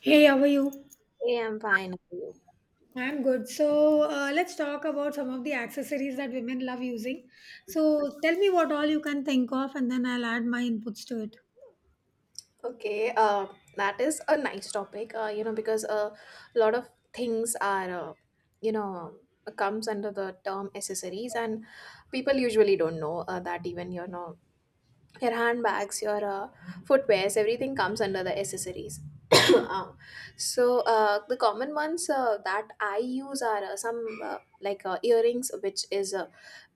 Hey, how are you? Yeah, I'm fine. How are you? I'm good. So let's talk about some of the accessories that women love using. So tell me what all you can think of, and then I'll add my inputs to it. Okay, that is a nice topic, because a lot of things are, you know, comes under the term accessories, and people usually don't know that even, your handbags, your footwears, everything comes under the accessories. Uh, so the common ones that I use are some like earrings, which is uh,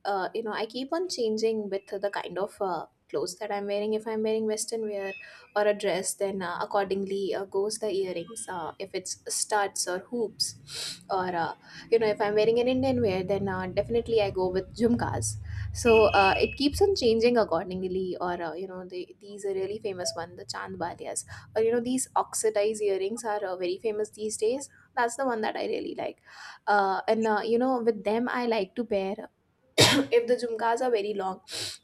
uh, you know I keep on changing with the kind of clothes that I'm wearing. If I'm wearing western wear or a dress, then accordingly goes the earrings. If it's studs or hoops, or you know if I'm wearing an Indian wear, then definitely I go with jhumkas. So it keeps on changing accordingly, or these are really famous one, the chandbalias, or these oxidized earrings are very famous these days. That's the one that I really like, and with them I like to pair. If the jhumkas are very long,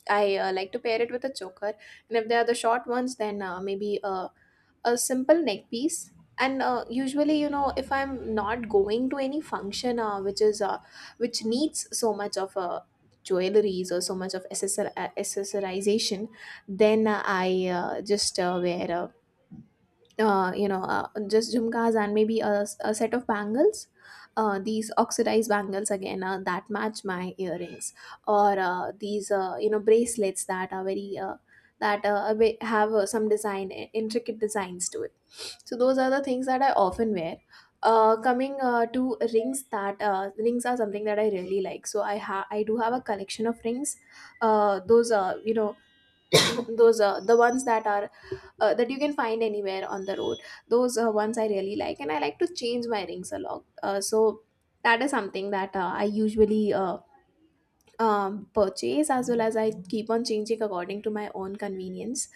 I like to pair it with a choker, and if they are the short ones, then maybe a simple neck piece. And usually you know if I'm not going to any function which needs so much of jewelries or so much of accessorization, then I just wear just jhumkas and maybe a set of bangles. These oxidized bangles again that match my earrings, or these bracelets that are very have some design intricate designs to it. So those are the things that I often wear. Coming to rings, that rings are something that I really like. So I do have a collection of rings. Those are those are the ones that are that you can find anywhere on the road. Those ones I really like, and I like to change my rings a lot. So that is something that I usually purchase as well as I keep on changing according to my own convenience.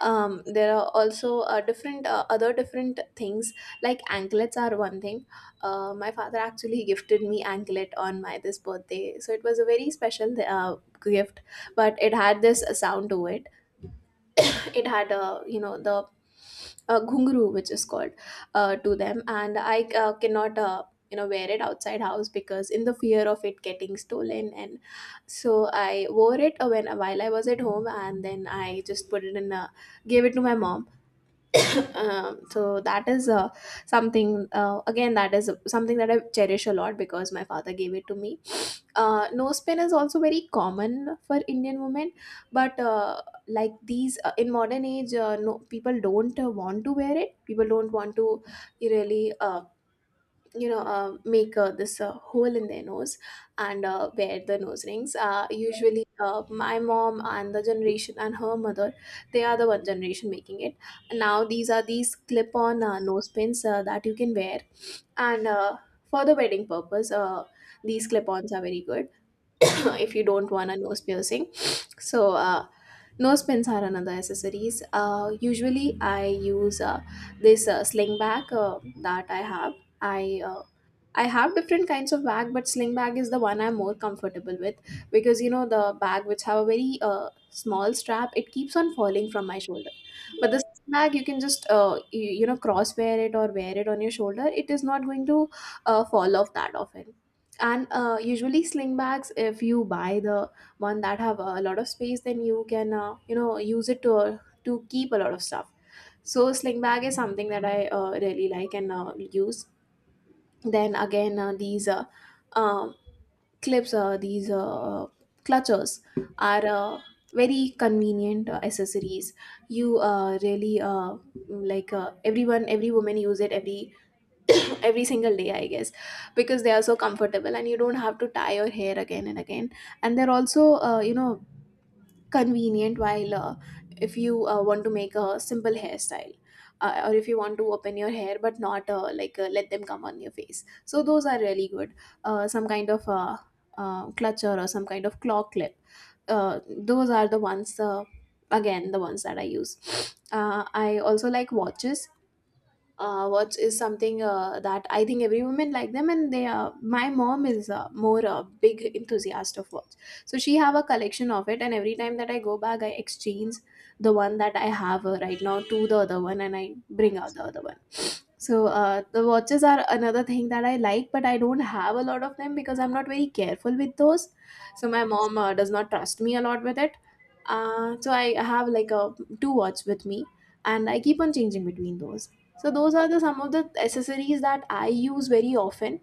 There are also different other different things like anklets are one thing. My father actually gifted me anklet on my this birthday, so it was a very special gift, but it had this sound to it. It had the ghungru, which is called to them, and I cannot wear it outside house because in the fear of it getting stolen. And so I wore it when while I was at home, and then I just put it in a gave it to my mom. So that is something again that is something that I cherish a lot because my father gave it to me. Nose pin is also very common for Indian women, but like these in modern age, no, people don't want to wear it. People don't want to really make this hole in their nose and wear the nose rings. Usually my mom and the generation and her mother, they are the one generation making it. Now these are these clip on nose pins that you can wear. And for the wedding purpose, these clip ons are very good if you don't want a nose piercing. So nose pins are another accessories. Usually I use this sling bag that I have. i uh, I have different kinds of bag, but sling bag is the one I'm more comfortable with because you know the bag which have a very small strap, it keeps on falling from my shoulder. But this bag you can just cross wear it or wear it on your shoulder. It is not going to fall off that often. And usually sling bags, if you buy the one that have a lot of space, then you can use it to keep a lot of stuff. So sling bag is something that I really like and use. Then again these um clips, these clutches are very convenient accessories. You really like everyone, every woman use it every every single day, I guess, because they are so comfortable and you don't have to tie your hair again and again. And they're also convenient while if you want to make a simple hairstyle, or if you want to open your hair but not like let them come on your face. So those are really good, some kind of clutcher or some kind of claw clip. Uh, those are the ones, again the ones that I use. I also like watches. Watch is something that I think every woman like them, and they are. My mom is more a big enthusiast of watch, so she have a collection of it, and every time that I go back, I exchange the one that I have right now to the other one, and I bring out the other one. So the watches are another thing that I like, but I don't have a lot of them because I'm not very careful with those. So my mom does not trust me a lot with it. So I have like a two watch with me, and I keep on changing between those. So those are the some of the accessories that I use very often,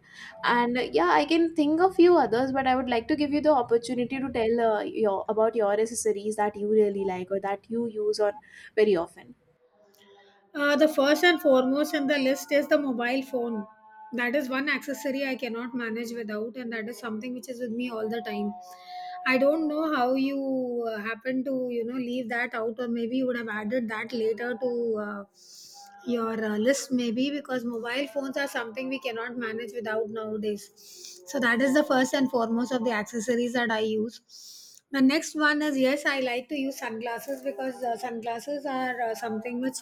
and yeah, I can think of few others, but I would like to give you the opportunity to tell your about your accessories that you really like or that you use on very often. The first and foremost in the list is the mobile phone. That is one accessory I cannot manage without, and that is something which is with me all the time. I don't know how you happen to leave that out, or maybe you would have added that later to uh, your list, maybe because mobile phones are something we cannot manage without nowadays. So that is the first and foremost of the accessories that I use. The next one is, yes, I like to use sunglasses because sunglasses are something which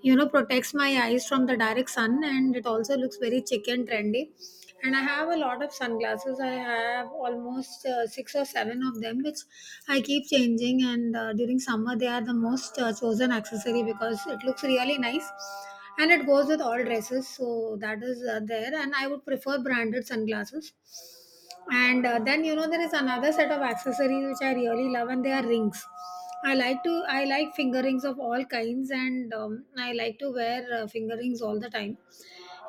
you know protects my eyes from the direct sun, and it also looks very chic and trendy. And I have a lot of sunglasses. I have almost six or seven of them, which I keep changing. And during summer, they are the most chosen accessory because it looks really nice, and it goes with all dresses. So that is there. And I would prefer branded sunglasses, and then you know there is another set of accessories which I really love, and they are rings. I like finger rings of all kinds, and I like to wear finger rings all the time.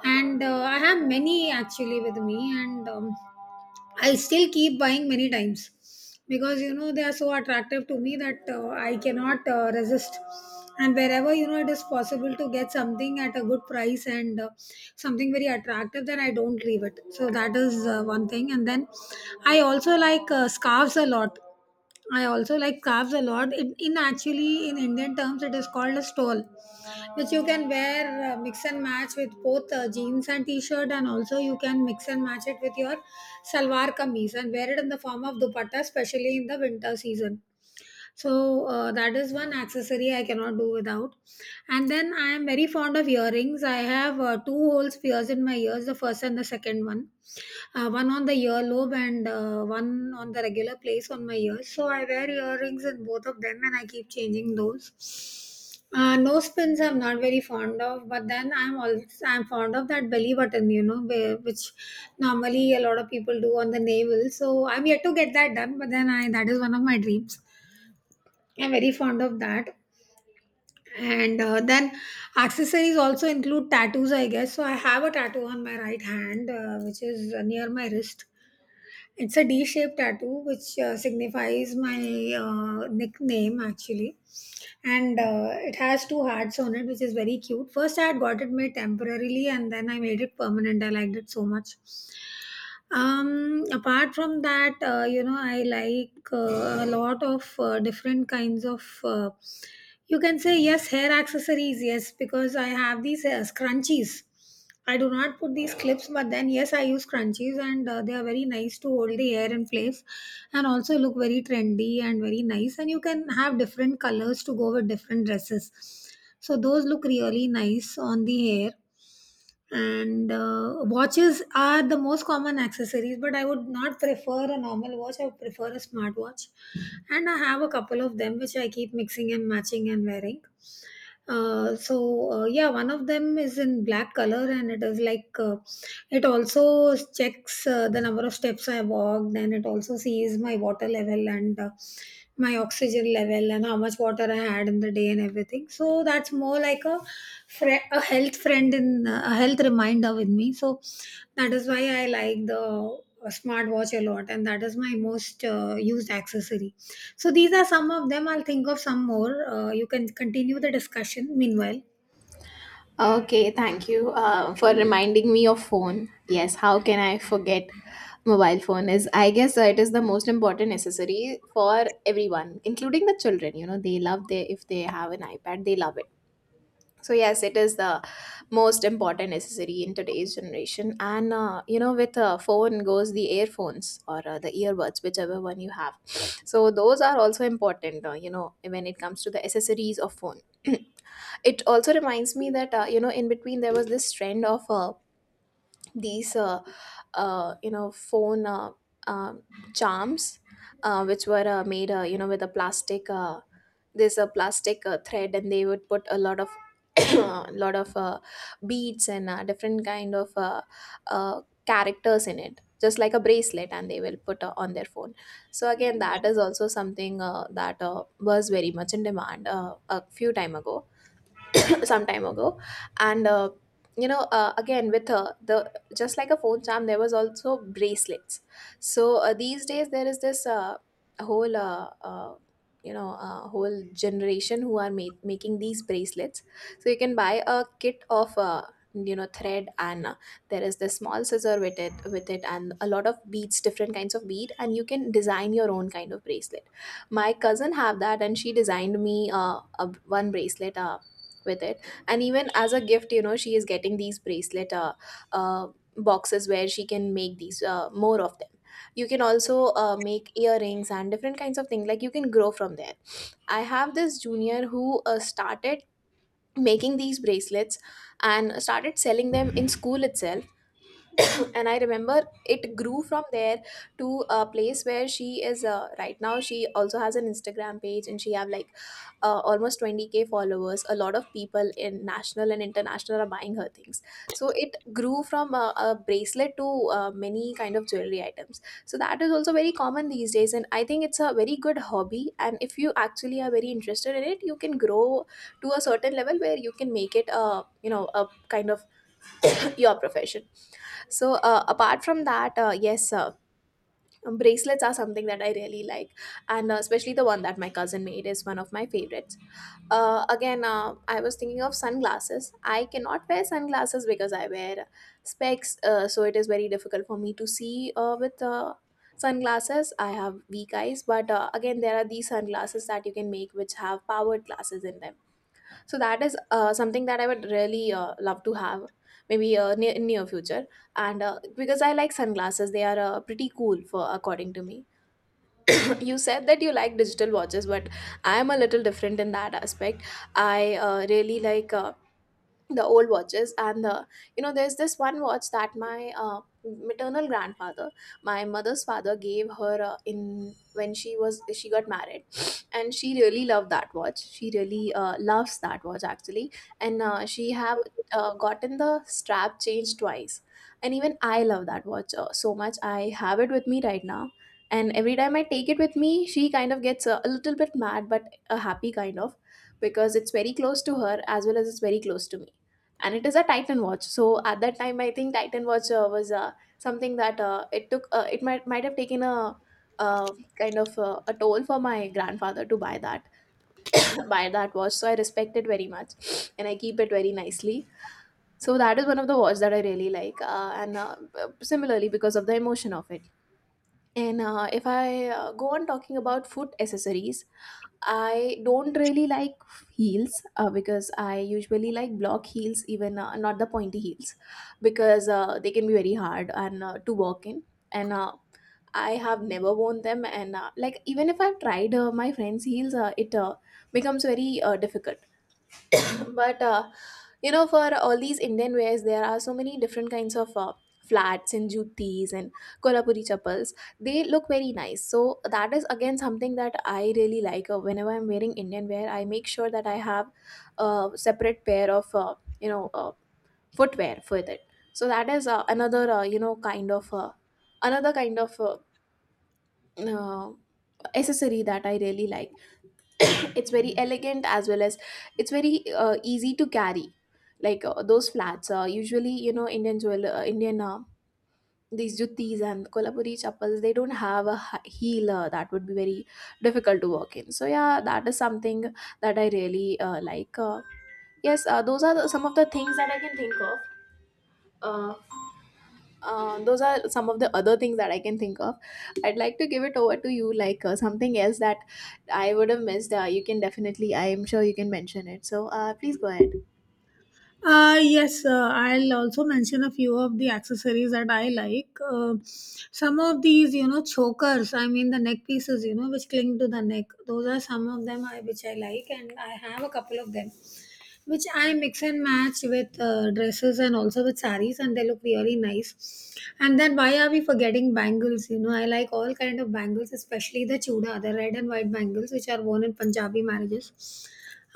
And I have many actually with me, and I still keep buying many times because you know they are so attractive to me that I cannot resist. And wherever you know it is possible to get something at a good price and something very attractive, then I don't leave it. So that is one thing. And then I also like uh, scarves a lot I also like scarves a lot. It, in Actually, in Indian terms, it is called a stole, which you can wear, mix and match with both jeans and t-shirt, and also you can mix and match it with your salwar kameez and wear it in the form of dupatta, especially in the winter season. So that is one accessory I cannot do without. And then I am very fond of earrings. I have two whole spheres in my ears, the first and the second one, one on the earlobe and one on the regular place on my ears, so I wear earrings in both of them and I keep changing those. Nose pins I'm not very fond of, but then I'm fond of that belly button, you know where, which normally a lot of people do on the navel. So I'm yet to get that done, but then I that is one of my dreams. I'm very fond of that. And then accessories also include tattoos, I guess. So I have a tattoo on my right hand, which is near my wrist. It's a D shaped tattoo, which signifies my nickname actually. And it has two hearts on it, which is very cute. First, I had got it made temporarily, and then I made it permanent. I liked it so much. Apart from that, I like a lot of different kinds of. You can say, yes, hair accessories, yes, because I have these scrunchies. I do not put these clips, but then yes, I use scrunchies, and they are very nice to hold the hair in place, and also look very trendy and very nice. And you can have different colors to go with different dresses, so those look really nice on the hair. And watches are the most common accessories, but I would not prefer a normal watch. I would prefer a smartwatch, and I have a couple of them which I keep mixing and matching and wearing. uh, so yeah, one of them is in black color, and it is like it also checks the number of steps I walked, and it also sees my water level and my oxygen level and how much water I had in the day and everything, so that's more like a Frie a health friend, in a health reminder with me. So that is why I like the smartwatch a lot, and that is my most used accessory. So these are some of them. I'll think of some more. You can continue the discussion meanwhile. Okay, thank you for reminding me of phone. Yes, how can I forget mobile phone is, I guess, it is the most important necessary for everyone, including the children. You know, they love their if they have an iPad, they love it. So yes, it is the most important necessary in today's generation. And with a phone goes the earphones or the earbuds, whichever one you have. So those are also important, when it comes to the accessories of phone. It also reminds me that in between there was this trend of these you know phone um charms, which were made with a plastic there's a plastic thread, and they would put a lot of lot of beads and different kind of uh, characters in it just like a bracelet, and they will put on their phone. So again that is also something that was very much in demand a few time ago. Some time ago. And again with the just like a phone charm there was also bracelets. So these days there is this whole whole generation who are making these bracelets. So you can buy a kit of thread, and there is this small scissor with it and a lot of beads, different kinds of bead, and you can design your own kind of bracelet. My cousin have that, and she designed me a, one bracelet with it. And even as a gift, you know she is getting these bracelet uh, boxes where she can make these more of them. You can also make earrings and different kinds of things, like you can grow from there. I have this junior who started making these bracelets and started selling them in school itself. And I remember it grew from there to a place where she is right now. She also has an Instagram page, and she have like almost 20K followers. A lot of people in national and international are buying her things. So it grew from a bracelet to many kind of jewelry items. So that is also very common these days, and I think it's a very good hobby, and if you actually are very interested in it, you can grow to a certain level where you can make it a kind of your profession. So apart from that, yes, bracelets are something that I really like, and especially the one that my cousin made is one of my favorites. Again, I was thinking of sunglasses. I cannot wear sunglasses because I wear specs, so it is very difficult for me to see with sunglasses. I have weak eyes, but again, there are these sunglasses that you can make which have powered glasses in them, so that is something that I would really love to have, maybe near in near future. And because I like sunglasses, they are pretty cool for according to me. You said that you like digital watches, but I am a little different in that aspect. I really like the old watches and the there's this one watch that my maternal grandfather, my mother's father, gave her in when she got married, and she really loved that watch. She really loves that watch actually, and she have gotten the strap changed twice, and even I love that watch so much. I have it with me right now, and every time I take it with me she kind of gets a little bit mad, but a happy kind of, because it's very close to her as well as it's very close to me. And it is a Titan watch, so at that time I think Titan watch was something that it might have taken a uh, a toll for my grandfather to buy that buy that watch, so I respect it very much and I keep it very nicely. So that is one of the watch that I really like, and similarly because of the emotion of it. And if I go on talking about foot accessories, I don't really like heels, because I usually like block heels, even not the pointy heels, because they can be very hard and to walk in. And I have never worn them, and like even if I've tried my friend's heels, it becomes very difficult, but you know, for all these Indian wears, there are so many different kinds of flats and jutis and kolhapuri chappals. They look very nice, so that is again something that I really like. Whenever I'm wearing Indian wear, I make sure that I have a separate pair of footwear for it. So that is another kind of uh, accessory that I really like. It's very elegant, as well as it's very easy to carry, like those flats. Usually, you know, Indian, these juttis and kolhapuri chappals, they don't have a heel that would be very difficult to walk in. So yeah, that is something that I really like. Yes, those are some of the things that I can think of. uh, those are some of the other things that I can think of. I'd like to give it over to you, like something else that I would have missed. You can definitely, I am sure you can mention it. So please go ahead. Yes, I'll also mention a few of the accessories that I like. Some of these, you know, chokers, I mean the neck pieces, you know, which cling to the neck. Those are some of them, which I like, and I have a couple of them, which I mix and match with dresses and also with saris, and they look really nice. And then why are we forgetting bangles? You know, I like all kind of bangles, especially the chuda, the red and white bangles, which are worn in Punjabi marriages.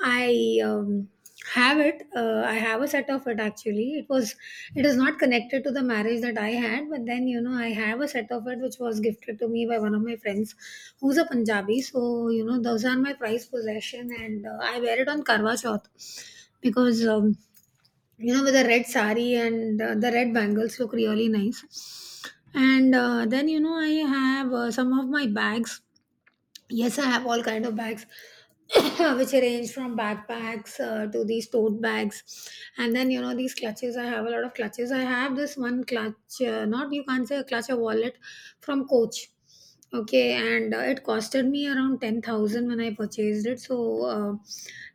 I have it. I have a set of it actually. It is not connected to the marriage that I had, but then you know, I have a set of it which was gifted to me by one of my friends who's a Punjabi. So, you know, those are my prized possession, and I wear it on Karwa Chauth because you know, with the red sari and the red bangles look really nice. And then you know I have some of my bags. Yes, I have all kind of bags, which range from backpacks to these tote bags, and then you know these clutches. I have a lot of clutches. I have this one clutch, not, you can't say a clutch, a wallet from Coach. Okay, and it costed me around 10,000 when I purchased it. So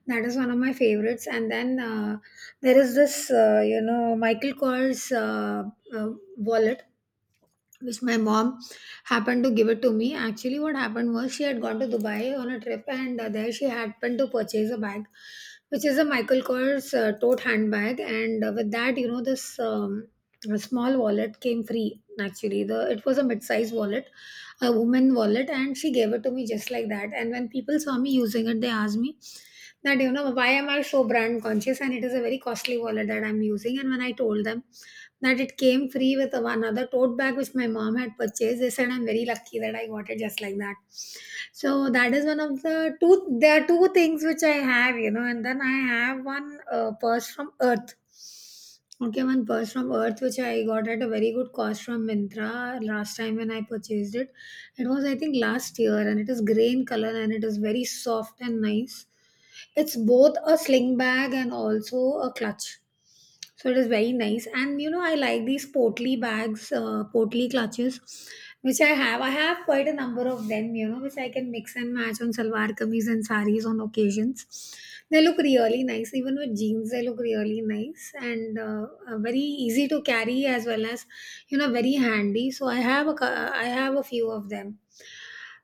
that is one of my favorites. And then there is this, Michael Kors uh, wallet which my mom happened to give it to me. Actually, what happened was, she had gone to Dubai on a trip, and there she happened to purchase a bag, which is a Michael Kors tote handbag, and with that, you know, this a small wallet came free. Actually, the it was a mid-size wallet, a woman wallet, and she gave it to me just like that. And when people saw me using it, they asked me that you know why am I so brand conscious, and it is a very costly wallet that I'm using. And when I told them that it came free with one other tote bag which my mom had purchased, they said I'm very lucky that I got it just like that. So that is one of the two. There are two things which I have, you know, and then I have one purse from Earth. Okay, one purse from Earth which I got at a very good cost from Mintra last time when I purchased it. It was, I think, last year, and it is grey in color, and it is very soft and nice. It's both a sling bag and also a clutch. So it is very nice. And you know, I like these portly bags, portly clutches, which I have. I have quite a number of them, you know, which I can mix and match on salwar kameez and saris on occasions. They look really nice, even with jeans, they look really nice, and very easy to carry, as well as, you know, very handy. So I have a, I have a few of them.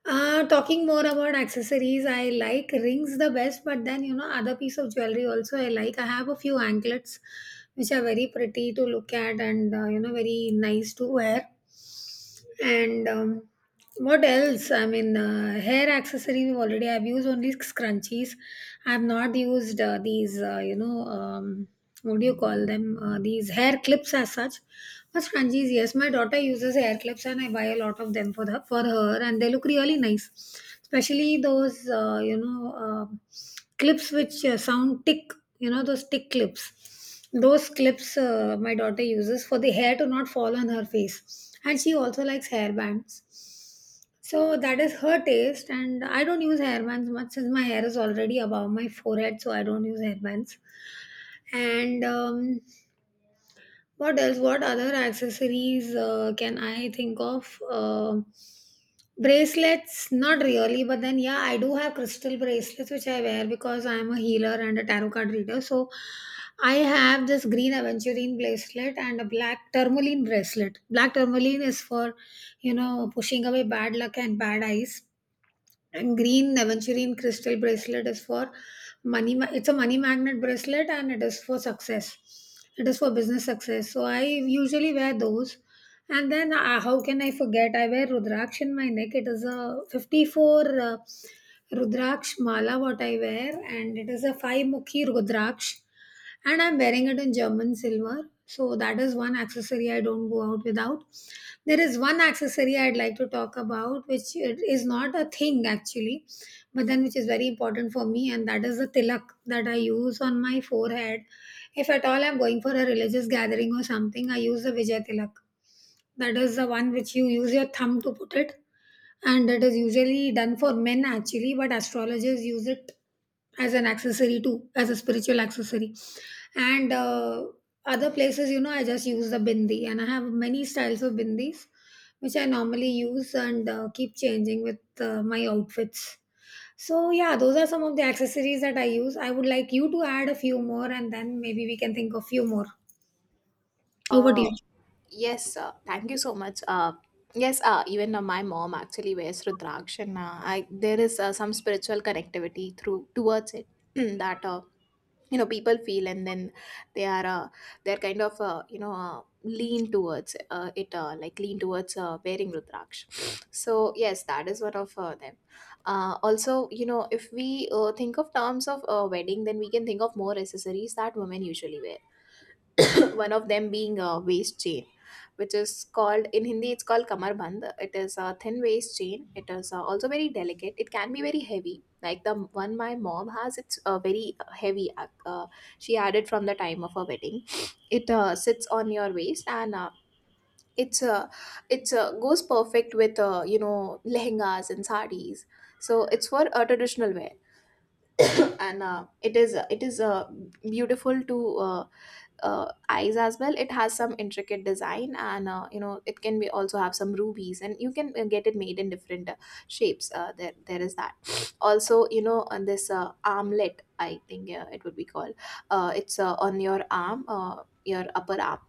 Talking more about accessories, I like rings the best, but then you know, other piece of jewelry also I like. I have a few anklets which are very pretty to look at and you know, very nice to wear. And what else? I mean, hair accessories, already I've used only scrunchies. I've not used these, what do you call them, these hair clips as such. But scrunchies, yes. My daughter uses hair clips, and I buy a lot of them for her, and they look really nice, especially those uh, clips which sound tick. You know, those tick clips, those clips my daughter uses for the hair to not fall on her face. And she also likes hair bands, so that is her taste, and I don't use hairbands much since my hair is already above my forehead, so I don't use hairbands. And what else, what other accessories can I think of? Bracelets, not really, but then yeah, I do have crystal bracelets which I wear because I am a healer and a tarot card reader. So I have this green aventurine bracelet and a black tourmaline bracelet. Black tourmaline is for you know pushing away bad luck and bad eyes, and green aventurine crystal bracelet is for money. It's a money magnet bracelet, and it is for success. It is for business success. So I usually wear those. And then how can I forget? I wear Rudraksh in my neck. It is a 54 Rudraksh mala what I wear, and it is a five mukhi Rudraksh, and I'm wearing it in German silver. So that is one accessory I don't go out without. There is one accessory I'd like to talk about, which it is not a thing actually, but then which is very important for me, and that is the tilak that I use on my forehead. If at all I'm going for a religious gathering or something, I use the Vijay tilak. That is the one which you use your thumb to put it, and it is usually done for men actually, but astrologers use it as an accessory too, as a spiritual accessory. And other places, I just use the bindi, and I have many styles of bindis which I normally use and keep changing with my outfits. So yeah, those are some of the accessories that I use. I would like you to add a few more, and then maybe we can think of few more. Over to Uh, you. yes, Thank you so much. Yes, Even my mom actually wears Rudraksha. And I, there is some spiritual connectivity through towards it that you know people feel, and then they are they're kind of lean towards it, like lean towards wearing Rudraksha. So yes, that is one of them. Also, you know, if we think of terms of wedding, then we can think of more accessories that women usually wear. One of them being a waist chain, which is called in Hindi, it's called kamarband. It is a thin waist chain. It is also very delicate. It can be very heavy, like the one my mom has. It's very heavy. She had it from the time of her wedding. It sits on your waist, and it's uh, it's goes perfect with you know, lehengas and sarees. So it's for a traditional wear. And it is beautiful to uh, eyes as well. It has some intricate design, and you know, it can be also have some rubies, and you can get it made in different shapes. There is that. Also, you know, on this armlet, I think it would be called, it's on your arm, your upper arm.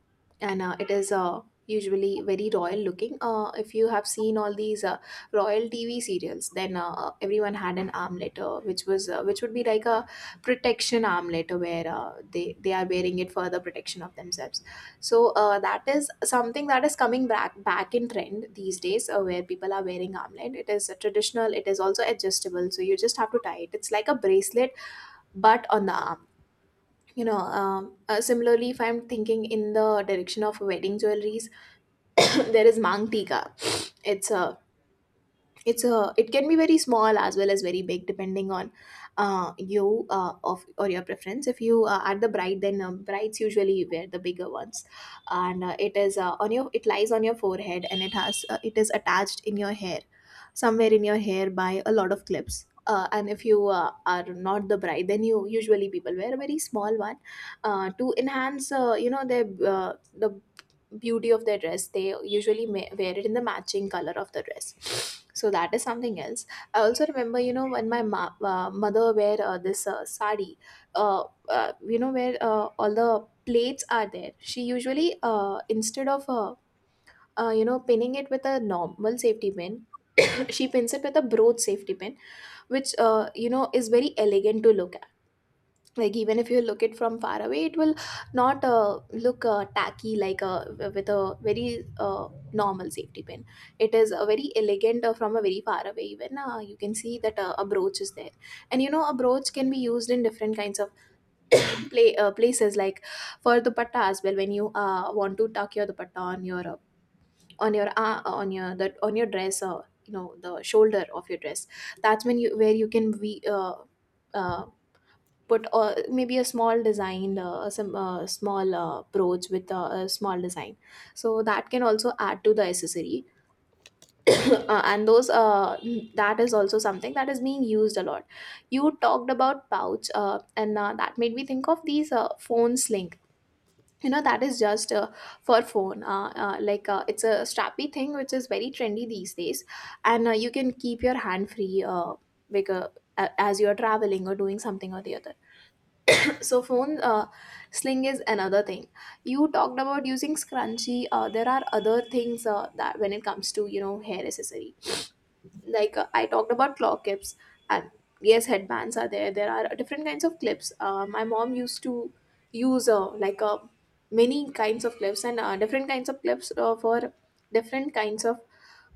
And it is usually very royal looking. If you have seen all these royal TV serials, then everyone had an armlet, which would be like a protection armlet, where they are wearing it for the protection of themselves. So that is something that is coming back in trend these days, where people are wearing armlet. It is a traditional, it is also adjustable, so you just have to tie it. It's like a bracelet, but on the arm. You know, similarly, if I'm thinking in the direction of wedding jewelries, there is mang tikka. it's a it's a, it can be very small as well as very big, depending on you of or your preference. If you are the bride, then brides usually wear the bigger ones. And it is on your it lies on your forehead, and it has it is attached in your hair, somewhere in your hair, by a lot of clips. And if you are not the bride, then you usually, people wear a very small one, to enhance you know their the beauty of their dress. They usually wear it in the matching color of the dress. So that is something else. I also remember, you know, when my mother wear this sari, uh, you know, where all the plates are there, she usually, instead of you know, pinning it with a normal safety pin, she pins it with a broad safety pin, which you know, is very elegant to look at. Like, even if you look it from far away, it will not look tacky, like with a very normal safety pin. It is a very elegant, from a very far away, even you can see that a brooch is there. And you know, a brooch can be used in different kinds of play places, like for the dupatta as well, when you want to tuck your dupatta on your on your on your that on your dress, or you know, the shoulder of your dress. That's when you where you can be uh, put maybe a small design, some small brooch with a small design. So that can also add to the accessory. And those that is also something that is being used a lot. You talked about pouch, and that made me think of these phone sling. You know, that is just for phone, like it's a strappy thing, which is very trendy these days. And you can keep your hand free, like uh, as you are traveling or doing something or the other. So phone sling is another thing. You talked about using scrunchie. There are other things that when it comes to, you know, hair accessory. Like I talked about claw clips, and yes, headbands are there. There are different kinds of clips. My mom used to use many kinds of clips and different kinds of clips for different kinds of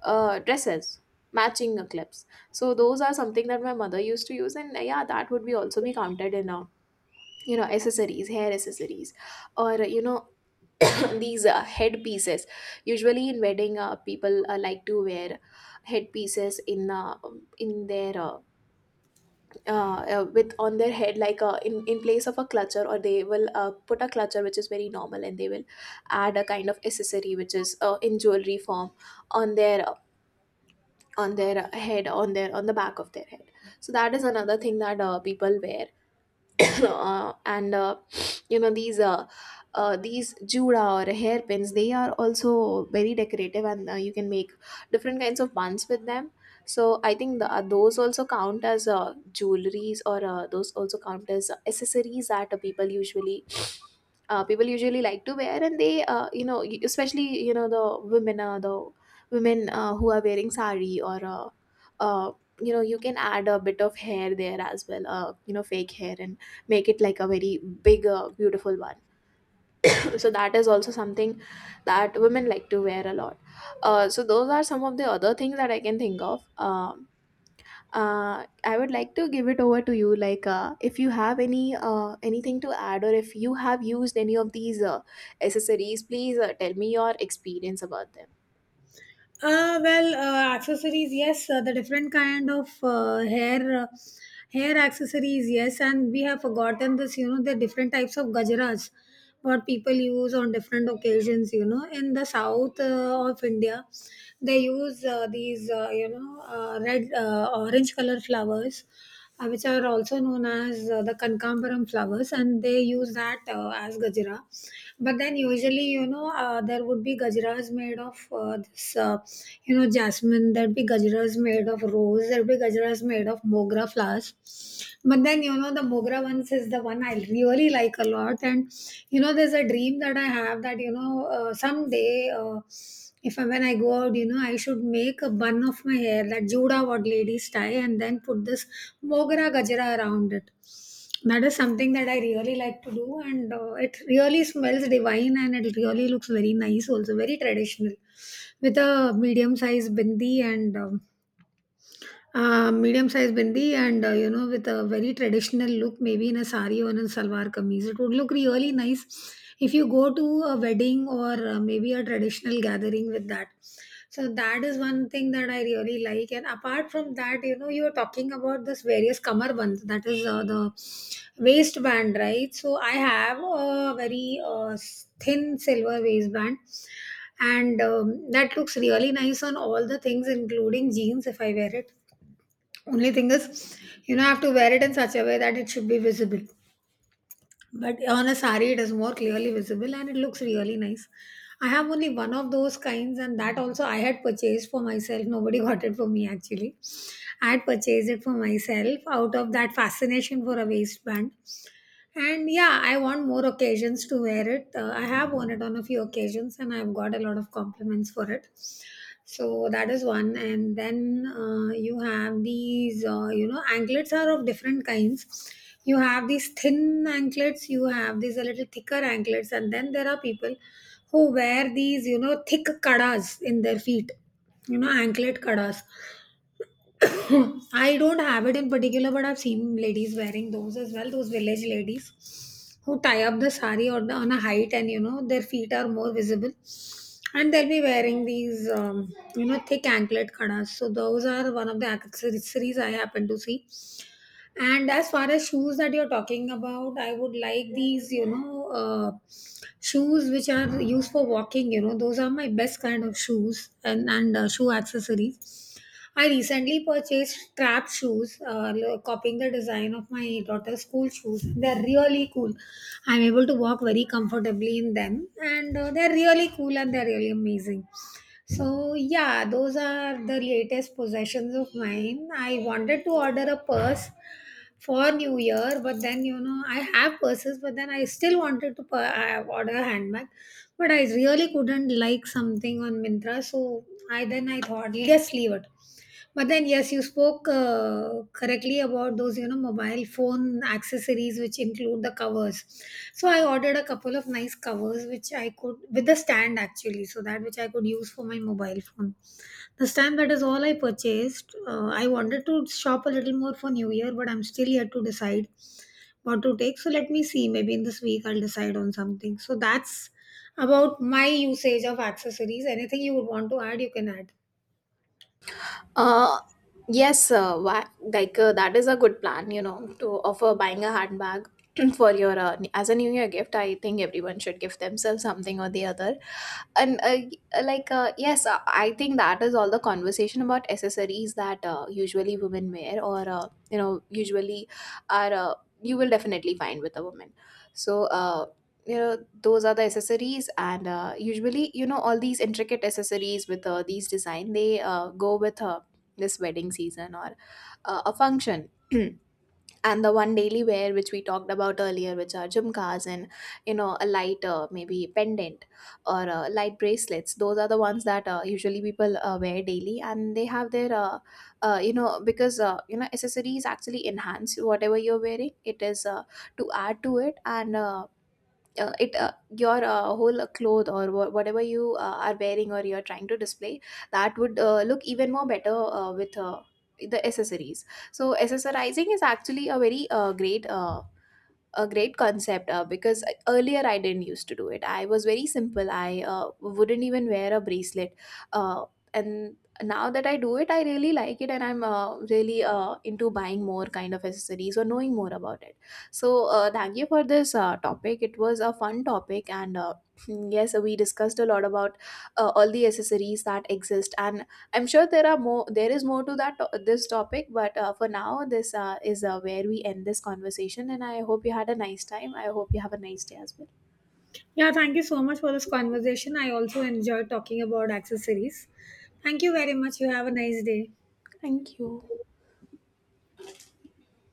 dresses, matching clips. So those are something that my mother used to use, and yeah, that would be also be counted in. You know, accessories, hair accessories, or you know, these head pieces, usually in wedding, people like to wear head pieces in their with on their head, like in place of a clutcher, or they will put a clutcher, which is very normal, and they will add a kind of accessory, which is in jewelry form on their, on their head, on their, on the back of their head. So that is another thing that people wear. And you know these These jura or hairpins, they are also very decorative, and you can make different kinds of buns with them. So I think those also count as jewelries, or those also count as accessories that people usually people usually like to wear, and they especially, you know, the women, the women who are wearing sari, or uh, you know, you can add a bit of hair there as well, you know, fake hair, and make it like a very big, beautiful one. So that is also something that women like to wear a lot. So those are some of the other things that I can think of. Uh, I would like to give it over to you, like if you have any anything to add, or if you have used any of these accessories, please tell me your experience about them. Well, accessories, yes, the different kind of hair hair accessories, yes, and we have forgotten this, you know, the different types of gajaras, what people use on different occasions. You know, in the south of India, they use these, you know, red, orange color flowers which are also known as the Kankambaram flowers, and they use that as Gajra. But then, usually, you know, there would be Gajras made of this, you know, jasmine, there'd be Gajras made of rose, there'd be Gajras made of Mogra flowers. But then, you know, the Mogra ones is the one I really like a lot. And, you know, there's a dream that I have that, you know, someday, if I, when I go out, you know, I should make a bun of my hair, that Juda what ladies tie, and then put this Mogra Gajra around it. That is something that I really like to do, and it really smells divine and it really looks very nice, also very traditional, with a medium sized bindi and with a very traditional look. Maybe in a sari or in a salwar kameez it would look really nice if you go to a wedding or maybe a traditional gathering with that. So that is one thing that I really like. And apart from that, you are talking about this various kamarband, that is the waistband, right? So I have a very thin silver waistband, and that looks really nice on all the things including jeans if I wear it. Only thing is, you know, I have to wear it in such a way that it should be visible. But on a sari, it is more clearly visible and it looks really nice. I have only one of those kinds, and that also I had purchased for myself. Nobody got it for me actually. I had purchased it for myself out of that fascination for a waistband. And yeah, I want more occasions to wear it. I have worn it on a few occasions and I've got a lot of compliments for it. So that is one. And then you have these, you know, anklets are of different kinds. You have these thin anklets, you have these a little thicker anklets, and then there are people who wear these, thick kadas in their feet, anklet kadas. I don't have it in particular, but I've seen ladies wearing those as well. Those village ladies who tie up the sari on a height, and you know their feet are more visible, and they'll be wearing these thick anklet khanas. So those are one of the accessories I happen to see. And as far as shoes that you're talking about, I would like these, shoes which are used for walking. Those are my best kind of shoes, and shoe accessories. I recently purchased trap shoes, copying the design of my daughter's school shoes. They're really cool. I'm able to walk very comfortably in them, and they're really cool and they're really amazing. So, yeah, those are the latest possessions of mine. I wanted to order a purse for New Year, but then, I have purses, but then I still wanted to order a handbag, but I really couldn't like something on Mintra, so I then I thought, just leave it. But then, yes, you spoke correctly about those, you know, mobile phone accessories which include the covers. So I ordered a couple of nice covers which I could, with the stand actually, so that which I could use for my mobile phone. The stand, that is all I purchased. I wanted to shop a little more for New Year, but I'm still yet to decide what to take. So let me see. Maybe in this week I'll decide on something. So that's about my usage of accessories. Anything you would want to add, you can add. Uh, yes, why, like that is a good plan, you know, to offer buying a handbag for your, as a New Year gift. I think everyone should give themselves something or the other, and yes, I think that is all the conversation about accessories that usually women wear, or you know, usually are, you will definitely find with a woman. So you know, those are the accessories. And usually, you know, all these intricate accessories with these design, they go with this wedding season, or a function. And the one daily wear which we talked about earlier, which are jhumkas, and you know, a light, maybe pendant, or light bracelets, those are the ones that usually people wear daily. And they have their, you know, because you know, accessories actually enhance whatever you're wearing. It is to add to it. And it your whole, cloth, or whatever you are wearing, or you're trying to display, that would look even more better, with the accessories. So accessorizing is actually a very, great a great concept. Because earlier I didn't used to do it. I was very simple. I wouldn't even wear a bracelet. Uh, and now that I do it, I really like it, and I'm really into buying more kind of accessories or knowing more about it. So thank you for this topic. It was a fun topic, and yes, we discussed a lot about all the accessories that exist. And I'm sure there are more. There is more to that this topic, but for now, this is where we end this conversation. And I hope you had a nice time. I hope you have a nice day as well. Yeah, thank you so much for this conversation. I also enjoyed talking about accessories. Thank you very much. You have a nice day. Thank you.